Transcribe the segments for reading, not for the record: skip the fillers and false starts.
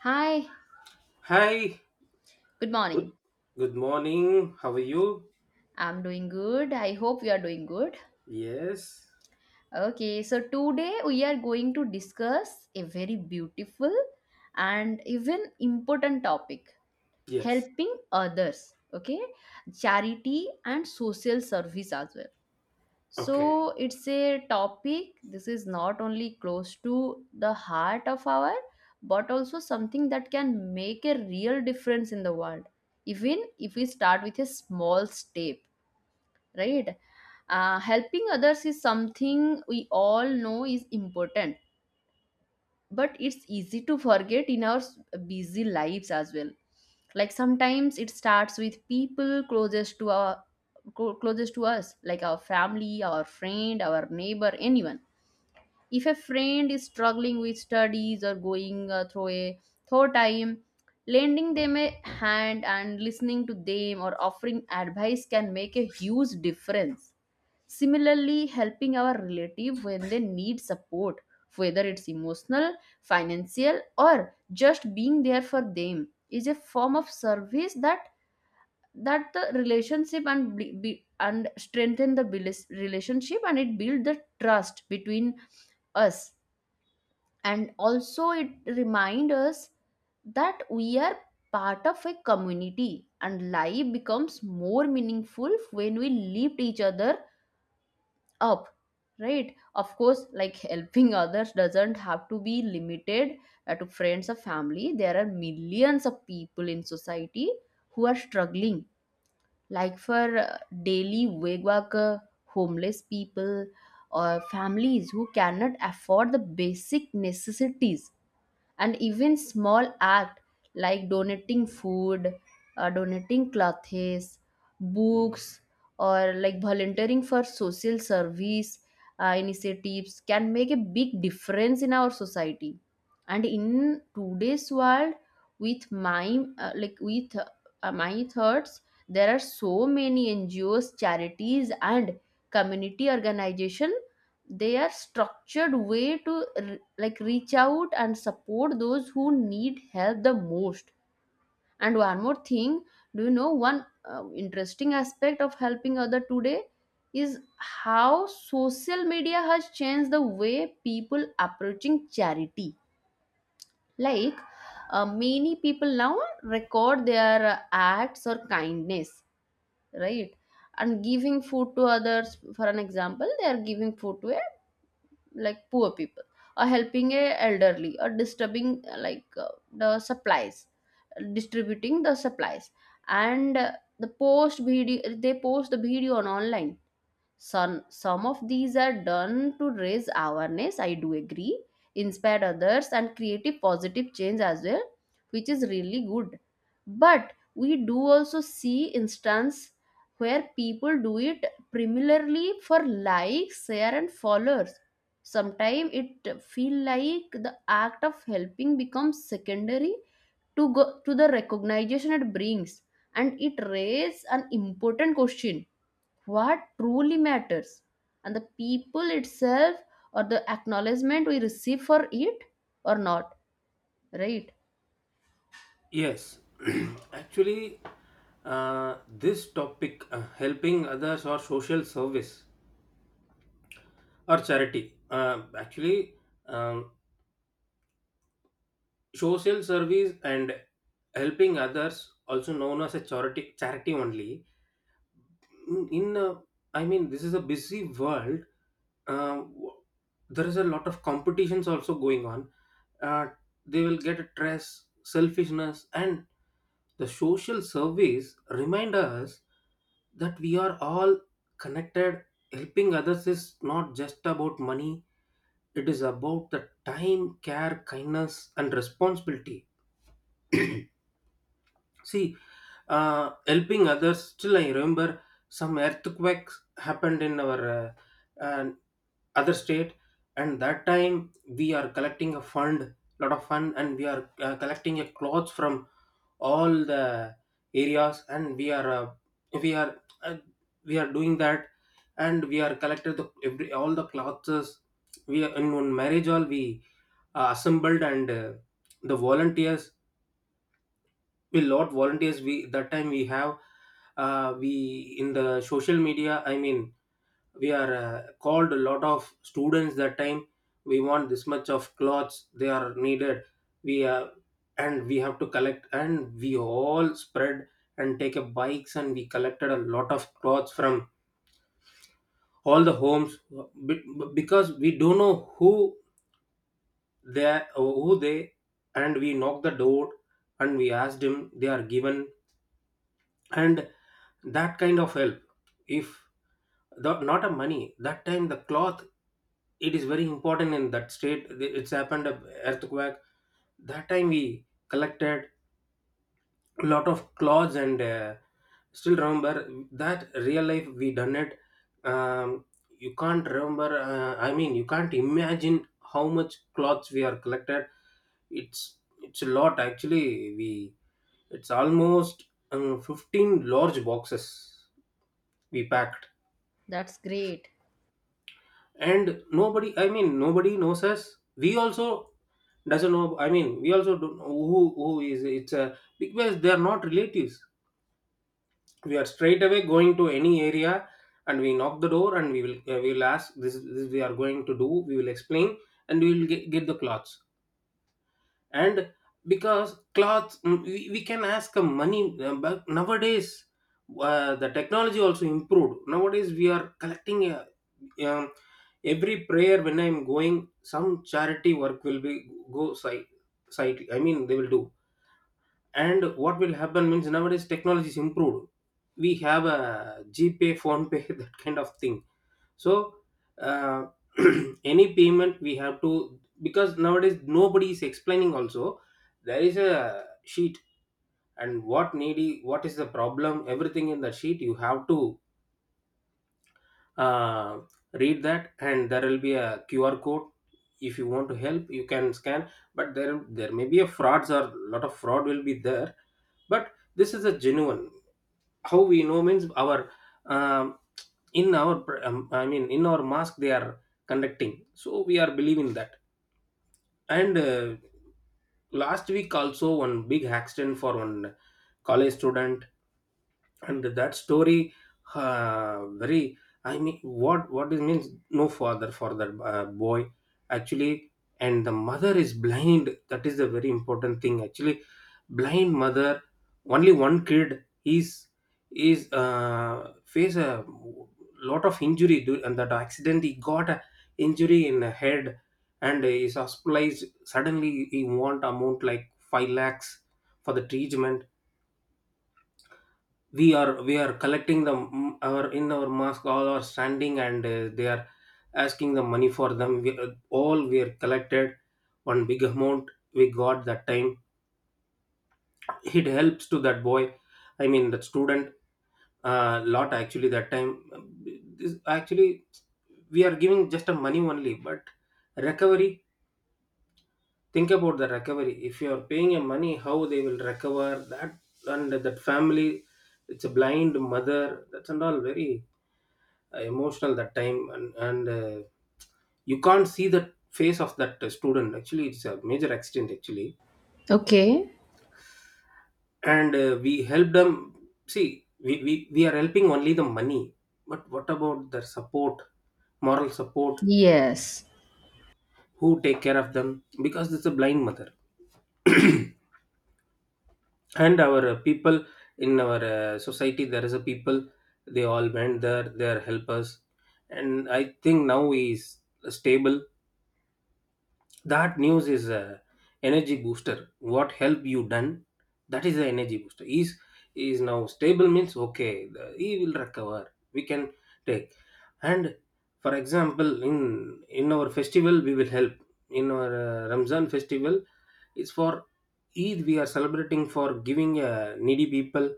Hi, Hi. good Good, morning. good morning. How are you? I'm doing good. I hope you are doing good. Yes. Okay, so today we are going to discuss a very beautiful and even important topic, Yes. helping others. Okay, charity and social service as well. Okay. So it's a topic, this is not only close to the heart of our but also something that can make a real difference in the world, even if we start with a small step, right? Helping others is something we all know is important, but it's easy to forget in our busy lives as well. Like, sometimes it starts with people closest to our closest to us, like our family, our friend, our neighbor, anyone. If a friend is struggling with studies or going through a tough time, lending them a hand and listening to them or offering advice can make a huge difference. Similarly, helping our relative when they need support, whether it's emotional, financial, or just being there for them, is a form of service that the relationship and and strengthen the relationship, and it build the trust between us. And also it remind us that we are part of a community, and life becomes more meaningful when we lift each other up, right? Of course, like, helping others doesn't have to be limited to friends or family. There are millions of people in society who are struggling, like for daily wage worker, homeless people, or families who cannot afford the basic necessities. And even small act like donating food, donating clothes, books, or like volunteering for social service initiatives can make a big difference in our society. And in today's world, with my like with my thoughts, there are so many NGOs, charities, and community organization. They are structured way to like reach out and support those who need help the most. And one more thing, do you know one interesting aspect of helping other today is how social media has changed the way people approaching charity? Like, many people now record their acts or kindness, right? And giving food to others, for an example, they are giving food to a like poor people, or helping a elderly, or disturbing like the supplies distributing the supplies. And they post the video on online. Some of these are done to raise awareness, I do agree, inspire others, and creative positive change as well, which is really good. But we do also see instance where people do it primarily for likes, share, and followers. Sometimes it feel like the act of helping becomes secondary to go to the recognition it brings, and it raises an important question: what truly matters, and the people itself or the acknowledgement we receive for it, or not, right? Yes. Actually, this topic, helping others or social service or charity, actually, um, social service and helping others, also known as a charity, charity only. In I mean, this is a busy world, um, w- there is a lot of competitions also going on. Uh, they will get a stress, selfishness, and the social surveys remind us that we are all connected. Helping others is not just about money, it is about the time, care, kindness, and responsibility. See, helping others. Still, I remember some earthquakes happened in our uh, other state, and that time we are collecting a fund, lot of fund, and we are collecting a clothes from all the areas, and we are uh, we are doing that, and we are collected the every all the clothes. We are in one marriage hall we assembled and the volunteers, a lot volunteers we, that time we have, we in the social media, I mean we are called a lot of students that time, we want this much of clothes they are needed. We And we have to collect and we all spread and take up bikes, and we collected a lot of clothes from all the homes be- because we don't know who who they. And we knocked the door and we asked him they are given, and that kind of help, if the not a money, that time the cloth, it is very important. In that state it's happened a earthquake. That time we collected a lot of clothes and still remember that real life we done it. um, you can't remember I mean, you can't imagine how much clothes we are collected. It's a lot. Actually, we, it's almost 15 large boxes we packed. That's great. And nobody, I mean, nobody knows us. We also doesn't know, I mean, we also don't know who is it's a, because they are not relatives. We are straight away going to any area, and we knock the door, and we will ask this, this we are going to do, we will explain, and we will get the clothes. And because clothes, mm, we can ask money, but nowadays the technology also improved. Nowadays we are collecting um, every prayer, when I'm going, some charity work will be go site, site I mean, they will do. And what will happen means, nowadays technology is improved, we have a gpay, phone pay, that kind of thing. So uh, any payment we have to, because nowadays nobody is explaining also. There is a sheet, and what needy, what is the problem, everything in the sheet you have to uh, read that, and there will be a QR code, if you want to help you can scan. But there may be a frauds, or lot of fraud will be there. But this is a genuine, how we know means, our um, in our I mean in our mask they are conducting, so we are believing that. And last week also, one big accident for one college student. And that story, very, I mean, what it means, no father for that boy, actually. And the mother is blind, that is the very important thing, actually. Blind mother, only one kid is face a lot of injury due, and that accident he got a injury in the head and is hospitalized. Suddenly he want amount like 5 lakhs for the treatment. We are collecting the our, in our mosque all are standing, and they are asking the money for them. We, all we are collected one big amount, we got that time. It helps to that boy, I mean that student, a lot, actually, that time. This actually we are giving just a money only. But recovery, think about the recovery, if you are paying a money how they will recover that. And that family, it's a blind mother. That's and all very emotional that time. And you can't see the face of that student. Actually it's a major accident, actually. Okay. And we help them. See, we are helping only the money, but what about their support, moral support? Yes. Who take care of them, because it's a blind mother. And our people, in our society, there is a people, they all went there, they are helpers. And I think now he is stable. That news is a energy booster, what help you done, that is the energy booster. Is now stable means, okay, the, he will recover, we can take. And for example, in our festival we will help. In our Ramzan festival, it's for Eid, we are celebrating for giving needy people,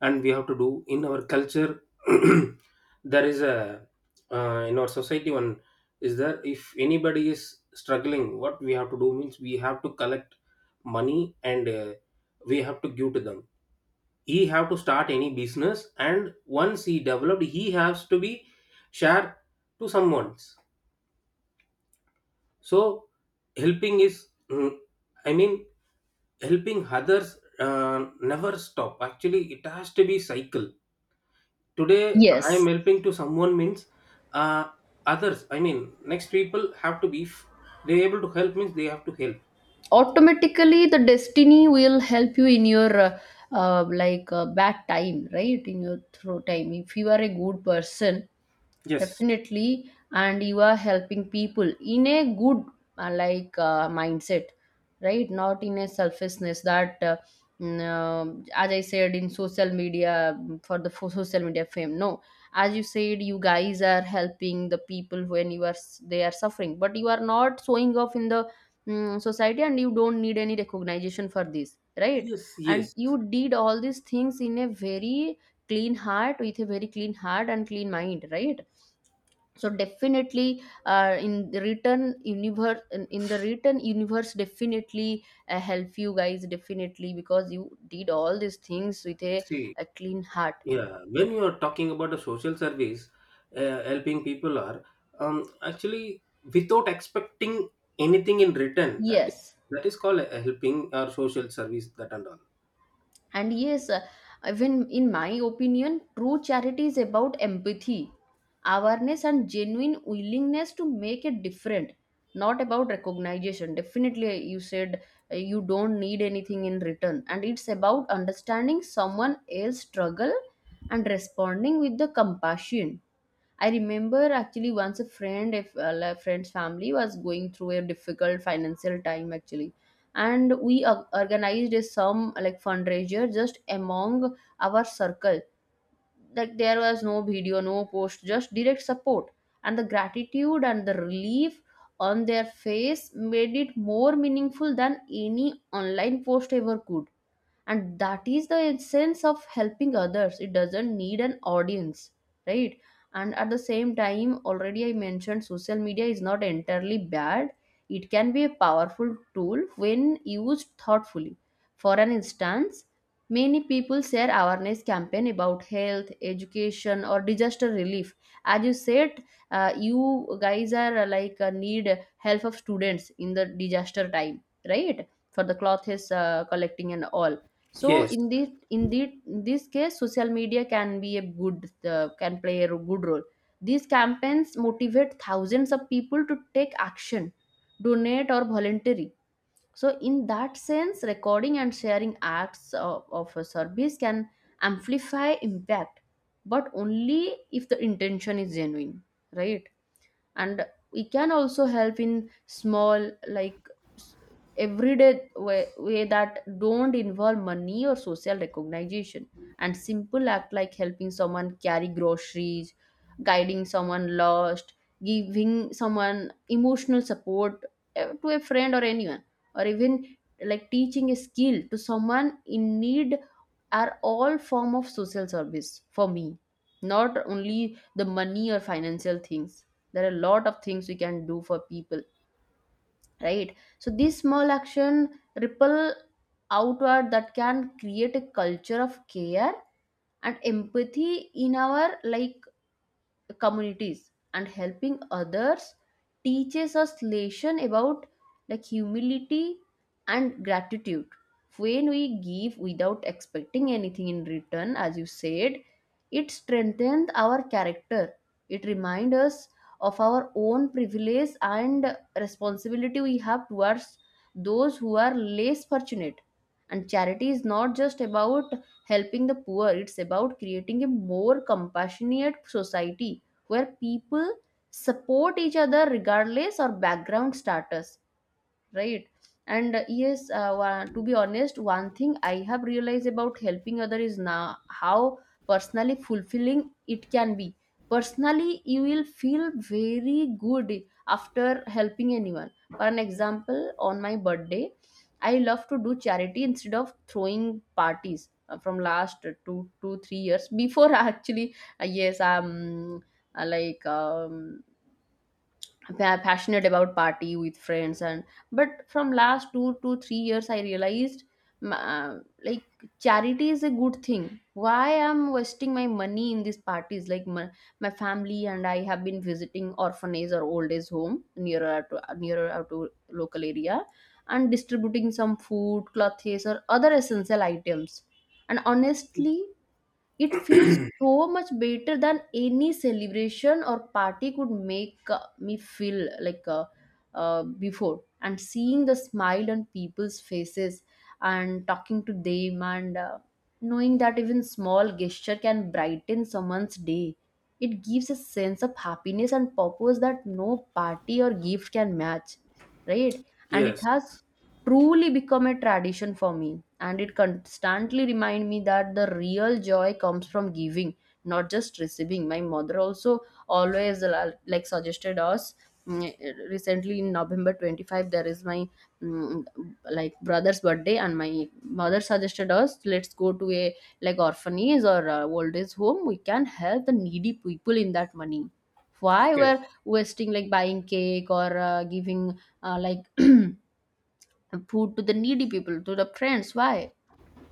and we have to do in our culture. There is a in our society, one is that, if anybody is struggling, what we have to do means, we have to collect money and we have to give to them. He have to start any business, and once he developed he has to be shared to someone. So helping is, mm, I mean helping others, uh, never stop, actually. It has to be cycle. Today, I am Yes. helping to someone means, uh, others. I mean, next people have to be they able to help means they have to help. Automatically, the destiny will help you in your bad time, right? In your through time, if you are a good person, Yes. definitely. And you are helping people in a good mindset, right? Not in a selfishness, that as I said in social media, for social media fame. No, as you said, you guys are helping the people when you are they are suffering, but you are not showing off in the society, and you don't need any recognition for this, right? Yes, And yes. you did all these things in a very clean heart, with a very clean heart and clean mind, right? So definitely, in the written universe in the written universe, definitely help you guys, definitely, because you did all these things with a, See, a clean heart. yeah, when you are talking about a social service, helping people are actually without expecting anything in return. Yes. That is called a helping or social service. That and all. And yes, even in my opinion, true charity is about empathy, awareness, and genuine willingness to make it different, not about recognition. Definitely, you said you don't need anything in return, and it's about understanding someone else's struggle and responding with the compassion. I remember, actually, once a friend, if well, a friend's family was going through a difficult financial time actually, and we organized a some like fundraiser just among our circle. Like, there was no video, no post, just direct support, and the gratitude and the relief on their face made it more meaningful than any online post ever could. And that is the essence of helping others. It doesn't need an audience, right? And at the same time, already I mentioned social media is not entirely bad. It can be a powerful tool when used thoughtfully. For an instance, many people share awareness campaign about health education or disaster relief. As you said, you guys are need help of students in the disaster time, right? For the clothes, collecting and all. So Yes, in this case, social media can be a good, can play a good role. These campaigns motivate thousands of people to take action, donate, or voluntary. So in that sense, recording and sharing acts of a service can amplify impact, but only if the intention is genuine, right? And we can also help in small, s- everyday way, that don't involve money or social recognition. And simple act like helping someone carry groceries, guiding someone lost, giving someone emotional support, to a friend or anyone, or even like teaching a skill to someone in need, are all form of social service for me, not only the money or financial things. There are a lot of things we can do for people, right? So these small action ripple outward, that can create a culture of care and empathy in our, like, communities. And helping others teaches us lesson about, like, humility and gratitude. When we give without expecting anything in return, as you said, it strengthens our character. It reminds us of our own privilege and responsibility we have towards those who are less fortunate. And charity is not just about helping the poor, it's about creating a more compassionate society where people support each other regardless of background status, right? And yes, to be honest, one thing I have realized about helping other is now how personally fulfilling it can be. Personally, you will feel very good after helping anyone. For an example, on my birthday, I love to do charity instead of throwing parties from last two two three years before actually. Yes. Uh, like um Passionate about party with friends, and but from last 2 to 3 years I realized, m- uh, like charity is a good thing. Why I'm wasting my money in these parties? Like my family and I have been visiting orphanage or old age home, nearer to nearer out to local area, and distributing some food, clothes, or other essential items. And honestly, it feels so much better than any celebration or party could make me feel like before. And seeing the smile on people's faces and talking to them, and knowing that even small gesture can brighten someone's day, it gives a sense of happiness and purpose that no party or gift can match, right? And it yes. has truly become a tradition for me. And it constantly reminds me that the real joy comes from giving, not just receiving. My mother also always like suggested us, mm, recently in November 25, there is my, mm, like brother's birthday, and my mother suggested us: let's go to a like orphanage or old age home, we can help the needy people in that money. Why Okay. we're wasting like buying cake or giving food to the needy people, to the friends? why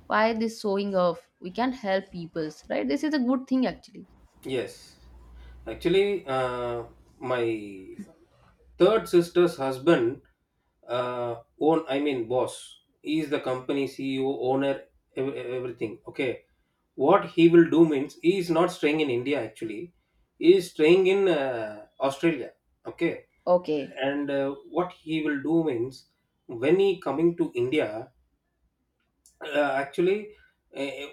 why this showing off? We can help peoples, right? This is a good thing actually. Yes. Actually, my third sister's husband, own, I mean boss, he is the company CEO, owner, everything. Okay, what he will do means, he is not staying in India, actually. He is staying in Australia. Okay, Okay. and what he will do means, when he coming to India, actually, uh,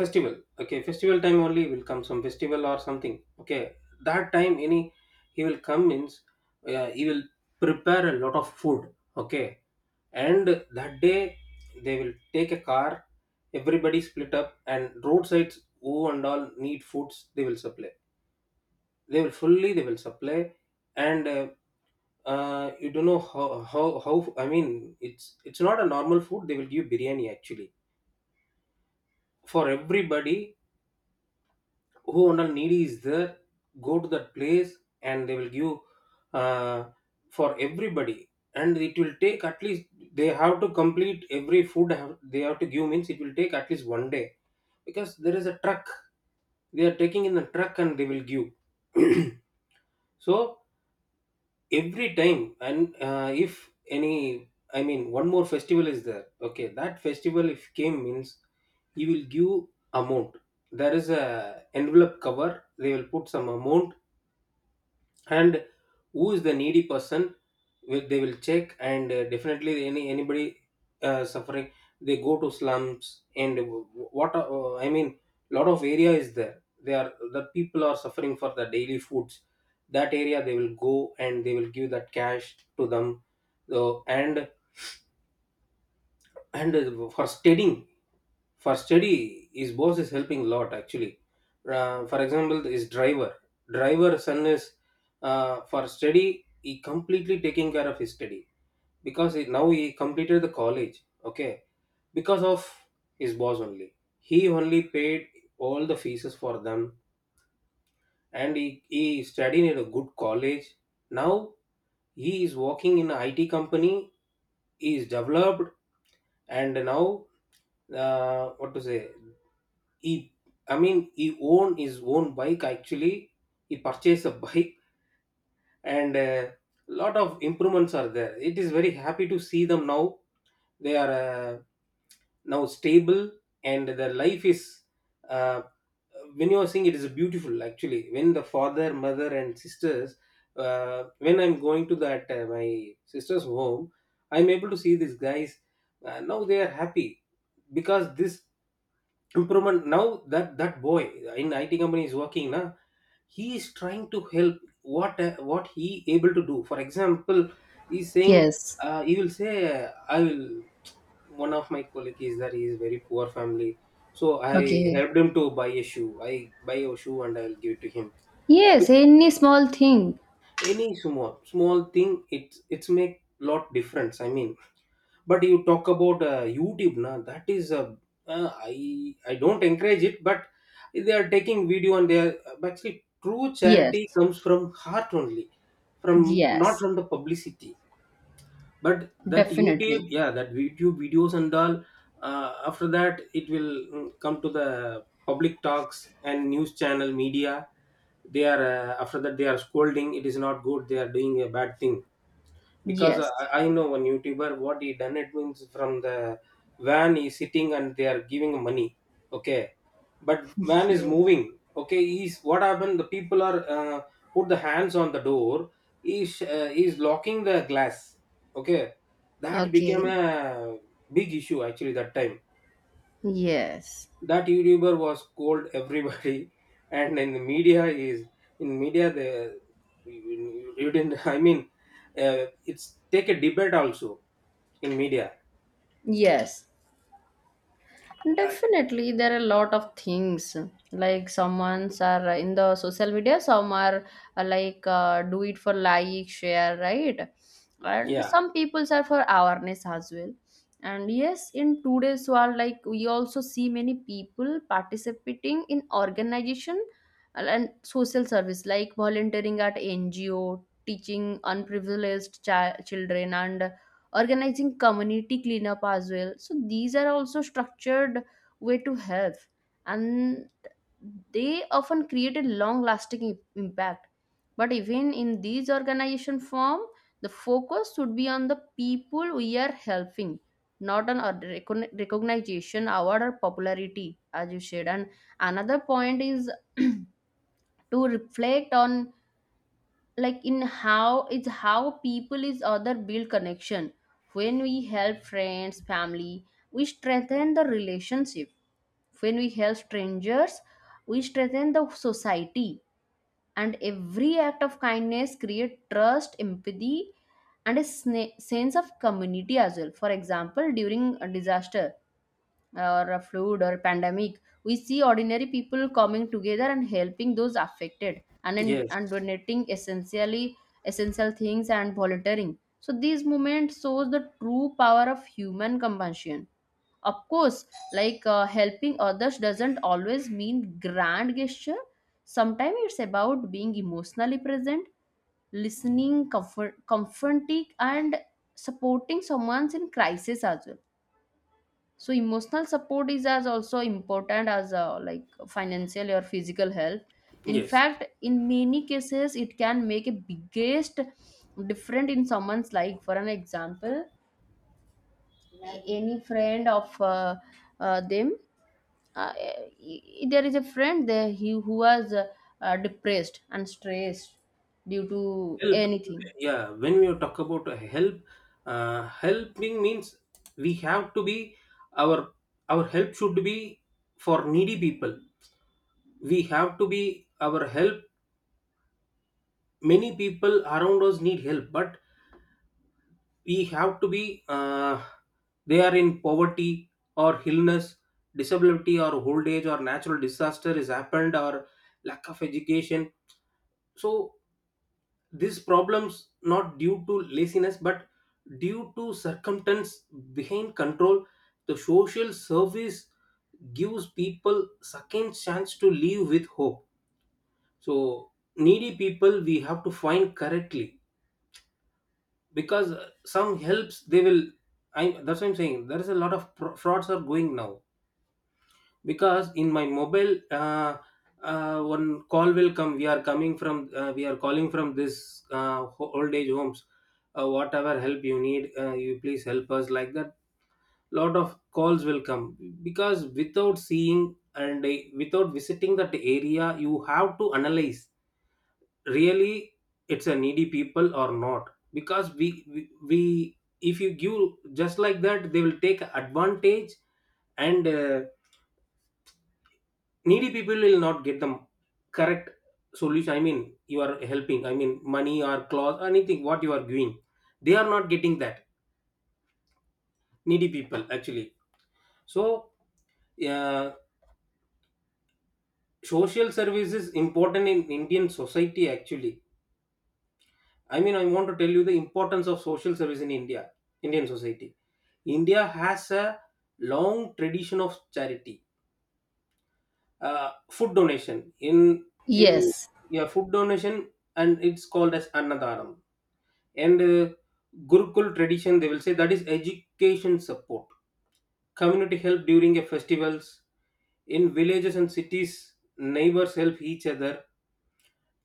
festival. Okay, festival time only will come, some festival or something. Okay, that time, any, he will come means, he will prepare a lot of food. Okay, and that day they will take a car, everybody split up, and roadsides, who and all need foods, they will supply, they will fully, they will supply. And you don't know how I mean, it's not a normal food, they will give biryani, actually, for everybody. Who and all needy is there, go to that place, and they will give uh, for everybody. And it will take at least, they have to complete every food have, they have to give means, it will take at least 1 day, because there is a truck, they are taking in the truck and they will give. So every time, and if any, I mean one more festival is there, okay, that festival if came means, he will give amount, there is a envelope cover, they will put some amount. And who is the needy person, they will check, and definitely, any anybody suffering, they go to slums and I mean, lot of area is there, they are the people are suffering for the daily foods, that area they will go and they will give that cash to them. So, and for studying, for study, his boss is helping a lot, actually. For example, his driver, driver son is for study, he completely taking care of his study. Because he, now he completed the college, okay, because of his boss only, he only paid all the fees for them. And he studied in a good college. Now he is working in an IT company, he is developed. And now, what to say, he, I mean, he own his own bike. Actually, he purchased a bike, and a lot of improvements are there. It is very happy to see them now. They are now stable, and their life is. Uh, when you are saying it is beautiful, actually, when the father, mother, and sisters, when I'm going to that my sister's home, I'm able to see these guys. Now they are happy because this improvement, now that boy in IT company is working now. He is trying to help what he able to do. For example, he's saying, Yes. He will say, I will, one of my colleague is that he is very poor family, so I Okay. helped him to buy a shoe. I buy a shoe and I will give it to him. Yes. But Any small thing. any small small thing, it's make lot difference, I mean. But you talk about youtube na, that is a uh, I don't encourage it, but they are taking video and they are, actually true charity Yes. comes from heart only, from, not Yes. from the publicity. But that youtube, Definitely. yeah, that youtube videos and all, after that it will come to the public talks and news channel media. They are, after that they are scolding, it is not good, they are doing a bad thing. Because Yes. I know one YouTuber, what he done, it means from the van is sitting and they are giving money, okay, but van is Yes. moving, okay, he's, what happened, the people are put the hands on the door, is locking the glass, okay, that became Okay. a big issue actually that time. Yes. That YouTuber was called everybody and in the media is, in media the you didn't, I mean, it's take a debate also in media. Yes. uh, Definitely, there are a lot of things, like someone's are in the social media, some are do it for like, share, right? And yeah, some people's are for awareness as well. And yes, in today's world, like, we also see many people participating in organization and social service, like volunteering at NGO, teaching unprivileged children, and organizing community cleanup as well. So these are also structured way to help, and they often create a long lasting impact. But even in these organization form, the focus should be on the people we are helping, not on our recognition, award, or popularity, as you said. And another point is, to reflect on, like, in how it's, how people is other build connection. When we help friends family, we strengthen the relationship. When we help strangers, we strengthen the society. And every act of kindness create trust, empathy, and a sense of community as well. For example, during a disaster or a flood or pandemic, we see ordinary people coming together and helping those affected, and in, yes, and donating essential things and volunteering. So these movements shows the true power of human compassion. Of course, like, helping others doesn't always mean grand gesture. Sometimes it's about being emotionally present, listening, comforting, and supporting someone in crisis as well. So emotional support is as also important as financial or physical help. In yes, fact, in many cases, it can make a biggest difference in someone's life. For an example, any friend of them, there is a friend there, he who was depressed and stressed due to help. anything. Yeah, when we talk about help, helping means, we have to be our our help should be for needy people. We have to be our help, many people around us need help, but we have to be, uh, they are in poverty or illness, disability or old age or natural disaster is happened, or lack of education. So these problems not due to laziness but due to circumstance behind control. The social service gives people second chance to live with hope. So needy people we have to find correctly, because some helps they will, I that's what I'm saying, there is a lot of frauds are going now. Because in my mobile one call will come, we are coming from we are calling from this old age homes, whatever help you need, you please help us, like that lot of calls will come. Because without seeing and without visiting that area you have to analyze really it's a needy people or not. Because we if you give just like that they will take advantage, and needy people will not get the correct solution, I mean. You are helping, I mean money or clothes anything what you are giving, they are not getting that needy people actually. So uh, social service is important in indian society actually. I mean, I want to tell you the importance of social service in india, indian society. India has a long tradition of charity, food donation in, Yes. yeah, food donation, and it's called as annadaram. And gurukul tradition, they will say, that is education support, community help during a festivals. In villages and cities neighbors help each other,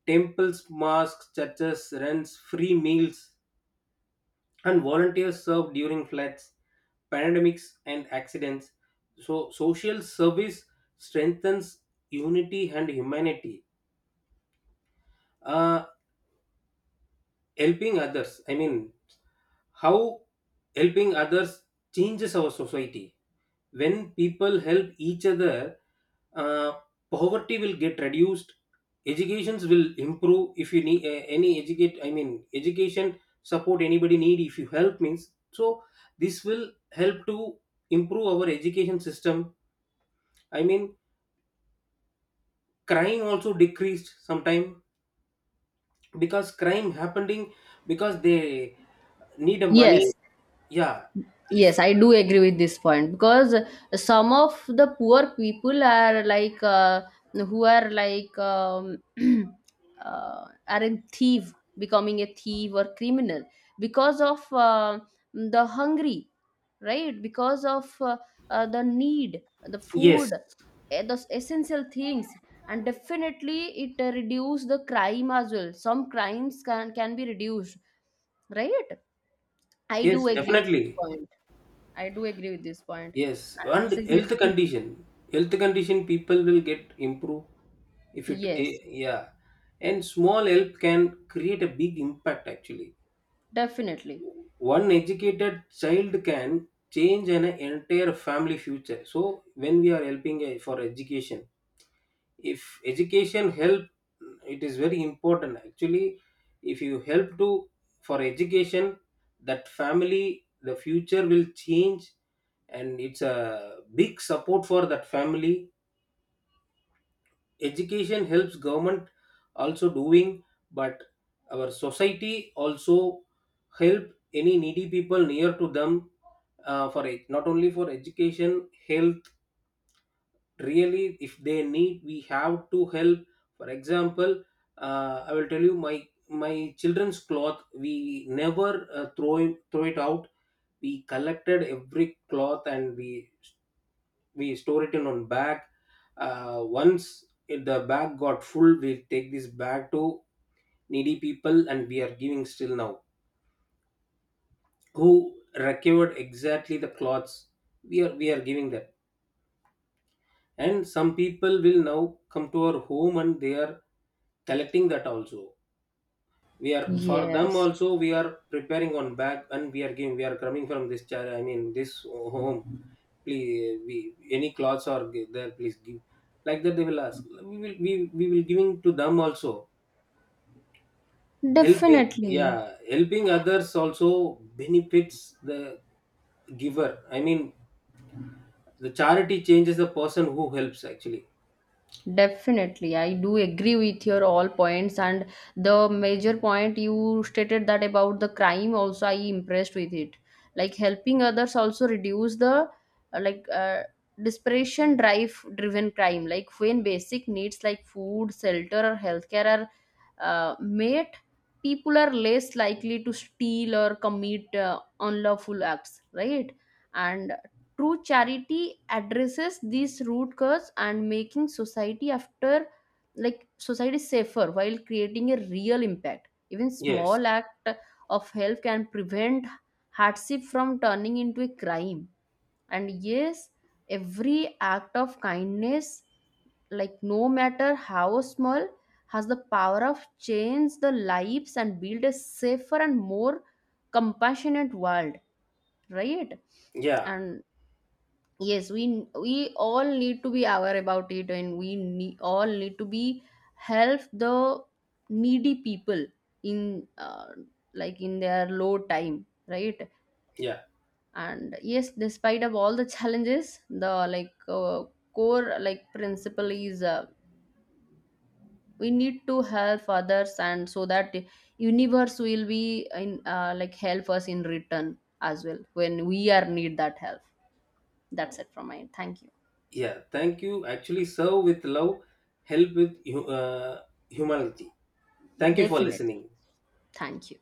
temples mosques churches runs free meals, and volunteers serve during floods, pandemics and accidents. So social service strengthens unity and humanity. uh, Helping others, I mean, how helping others changes our society. When people help each other, uh, poverty will get reduced, educations will improve. If you need any educate, I mean education support, anybody need if you help means, so this will help to improve our education system, I mean. Crime also decreased sometime, because crime happening because they need a money. Yes. Yeah, if, Yes, I do agree with this point because some of the poor people are like who are like, are a thief, becoming a thief or criminal because of the hungry, right? Because of the need, the food, yes, the essential things, and definitely it reduce the crime as well. Some crimes can be reduced, right? I do yes agree with this definitely. point. I do agree with this point. Yes, And and it's a very good. Health condition people will get improve if it eh, Yes, yeah, and small help can create a big impact actually. definitely. One educated child can change an entire family future. So when we are helping eh, for education, if education help, it is very important actually. If you help to, for education, that family the future will change, and it's a big support for that family. Education helps, government also doing, but our society also help any needy people near to them. For it not only for education, health, really if they need we have to help. For example, I will tell you my, my children's cloth, we never throw it out. We collected every cloth and we store it in one bag. Once the bag got full, we take this bag to needy people and we are giving still now, who recovered exactly the cloths, we are giving that. And some people will now come to our home and they are collecting that also. We are, for them Yes, also we are preparing on back and we are giving, we are coming from this child, I mean this home, please we, any clothes are there please give, like that they will ask, we will giving to them also. Helping, definitely. yeah, helping others also benefits the giver, I mean, the charity changes the person who helps actually. Definitely, I do agree with your all points, and the major point you stated that about the crime also I impressed with it. Like, helping others also reduce the uh, like uh, desperation driven crime. Like, when basic needs like food, shelter, or healthcare are met, people are less likely to steal or commit unlawful acts, right? And true charity addresses these root cause, and making society after, like, society safer while creating a real impact. Even Yes, small act of help can prevent hardship from turning into a crime. And yes, every act of kindness, like, no matter how small, has the power of change the lives and build a safer and more compassionate world, right? yeah, And yes, we all need to be aware about it, and we need, all need to be help the needy people in in their low time, right? yeah, And yes, despite of all the challenges, the, like, core, like, principle is we need to help others, and so that universe will be in like help us in return as well when we are need that help. That's it from my end. Thank yeah, thank you actually. Serve with love, help with humility. you. Thank you for Definitely. listening. Thank you.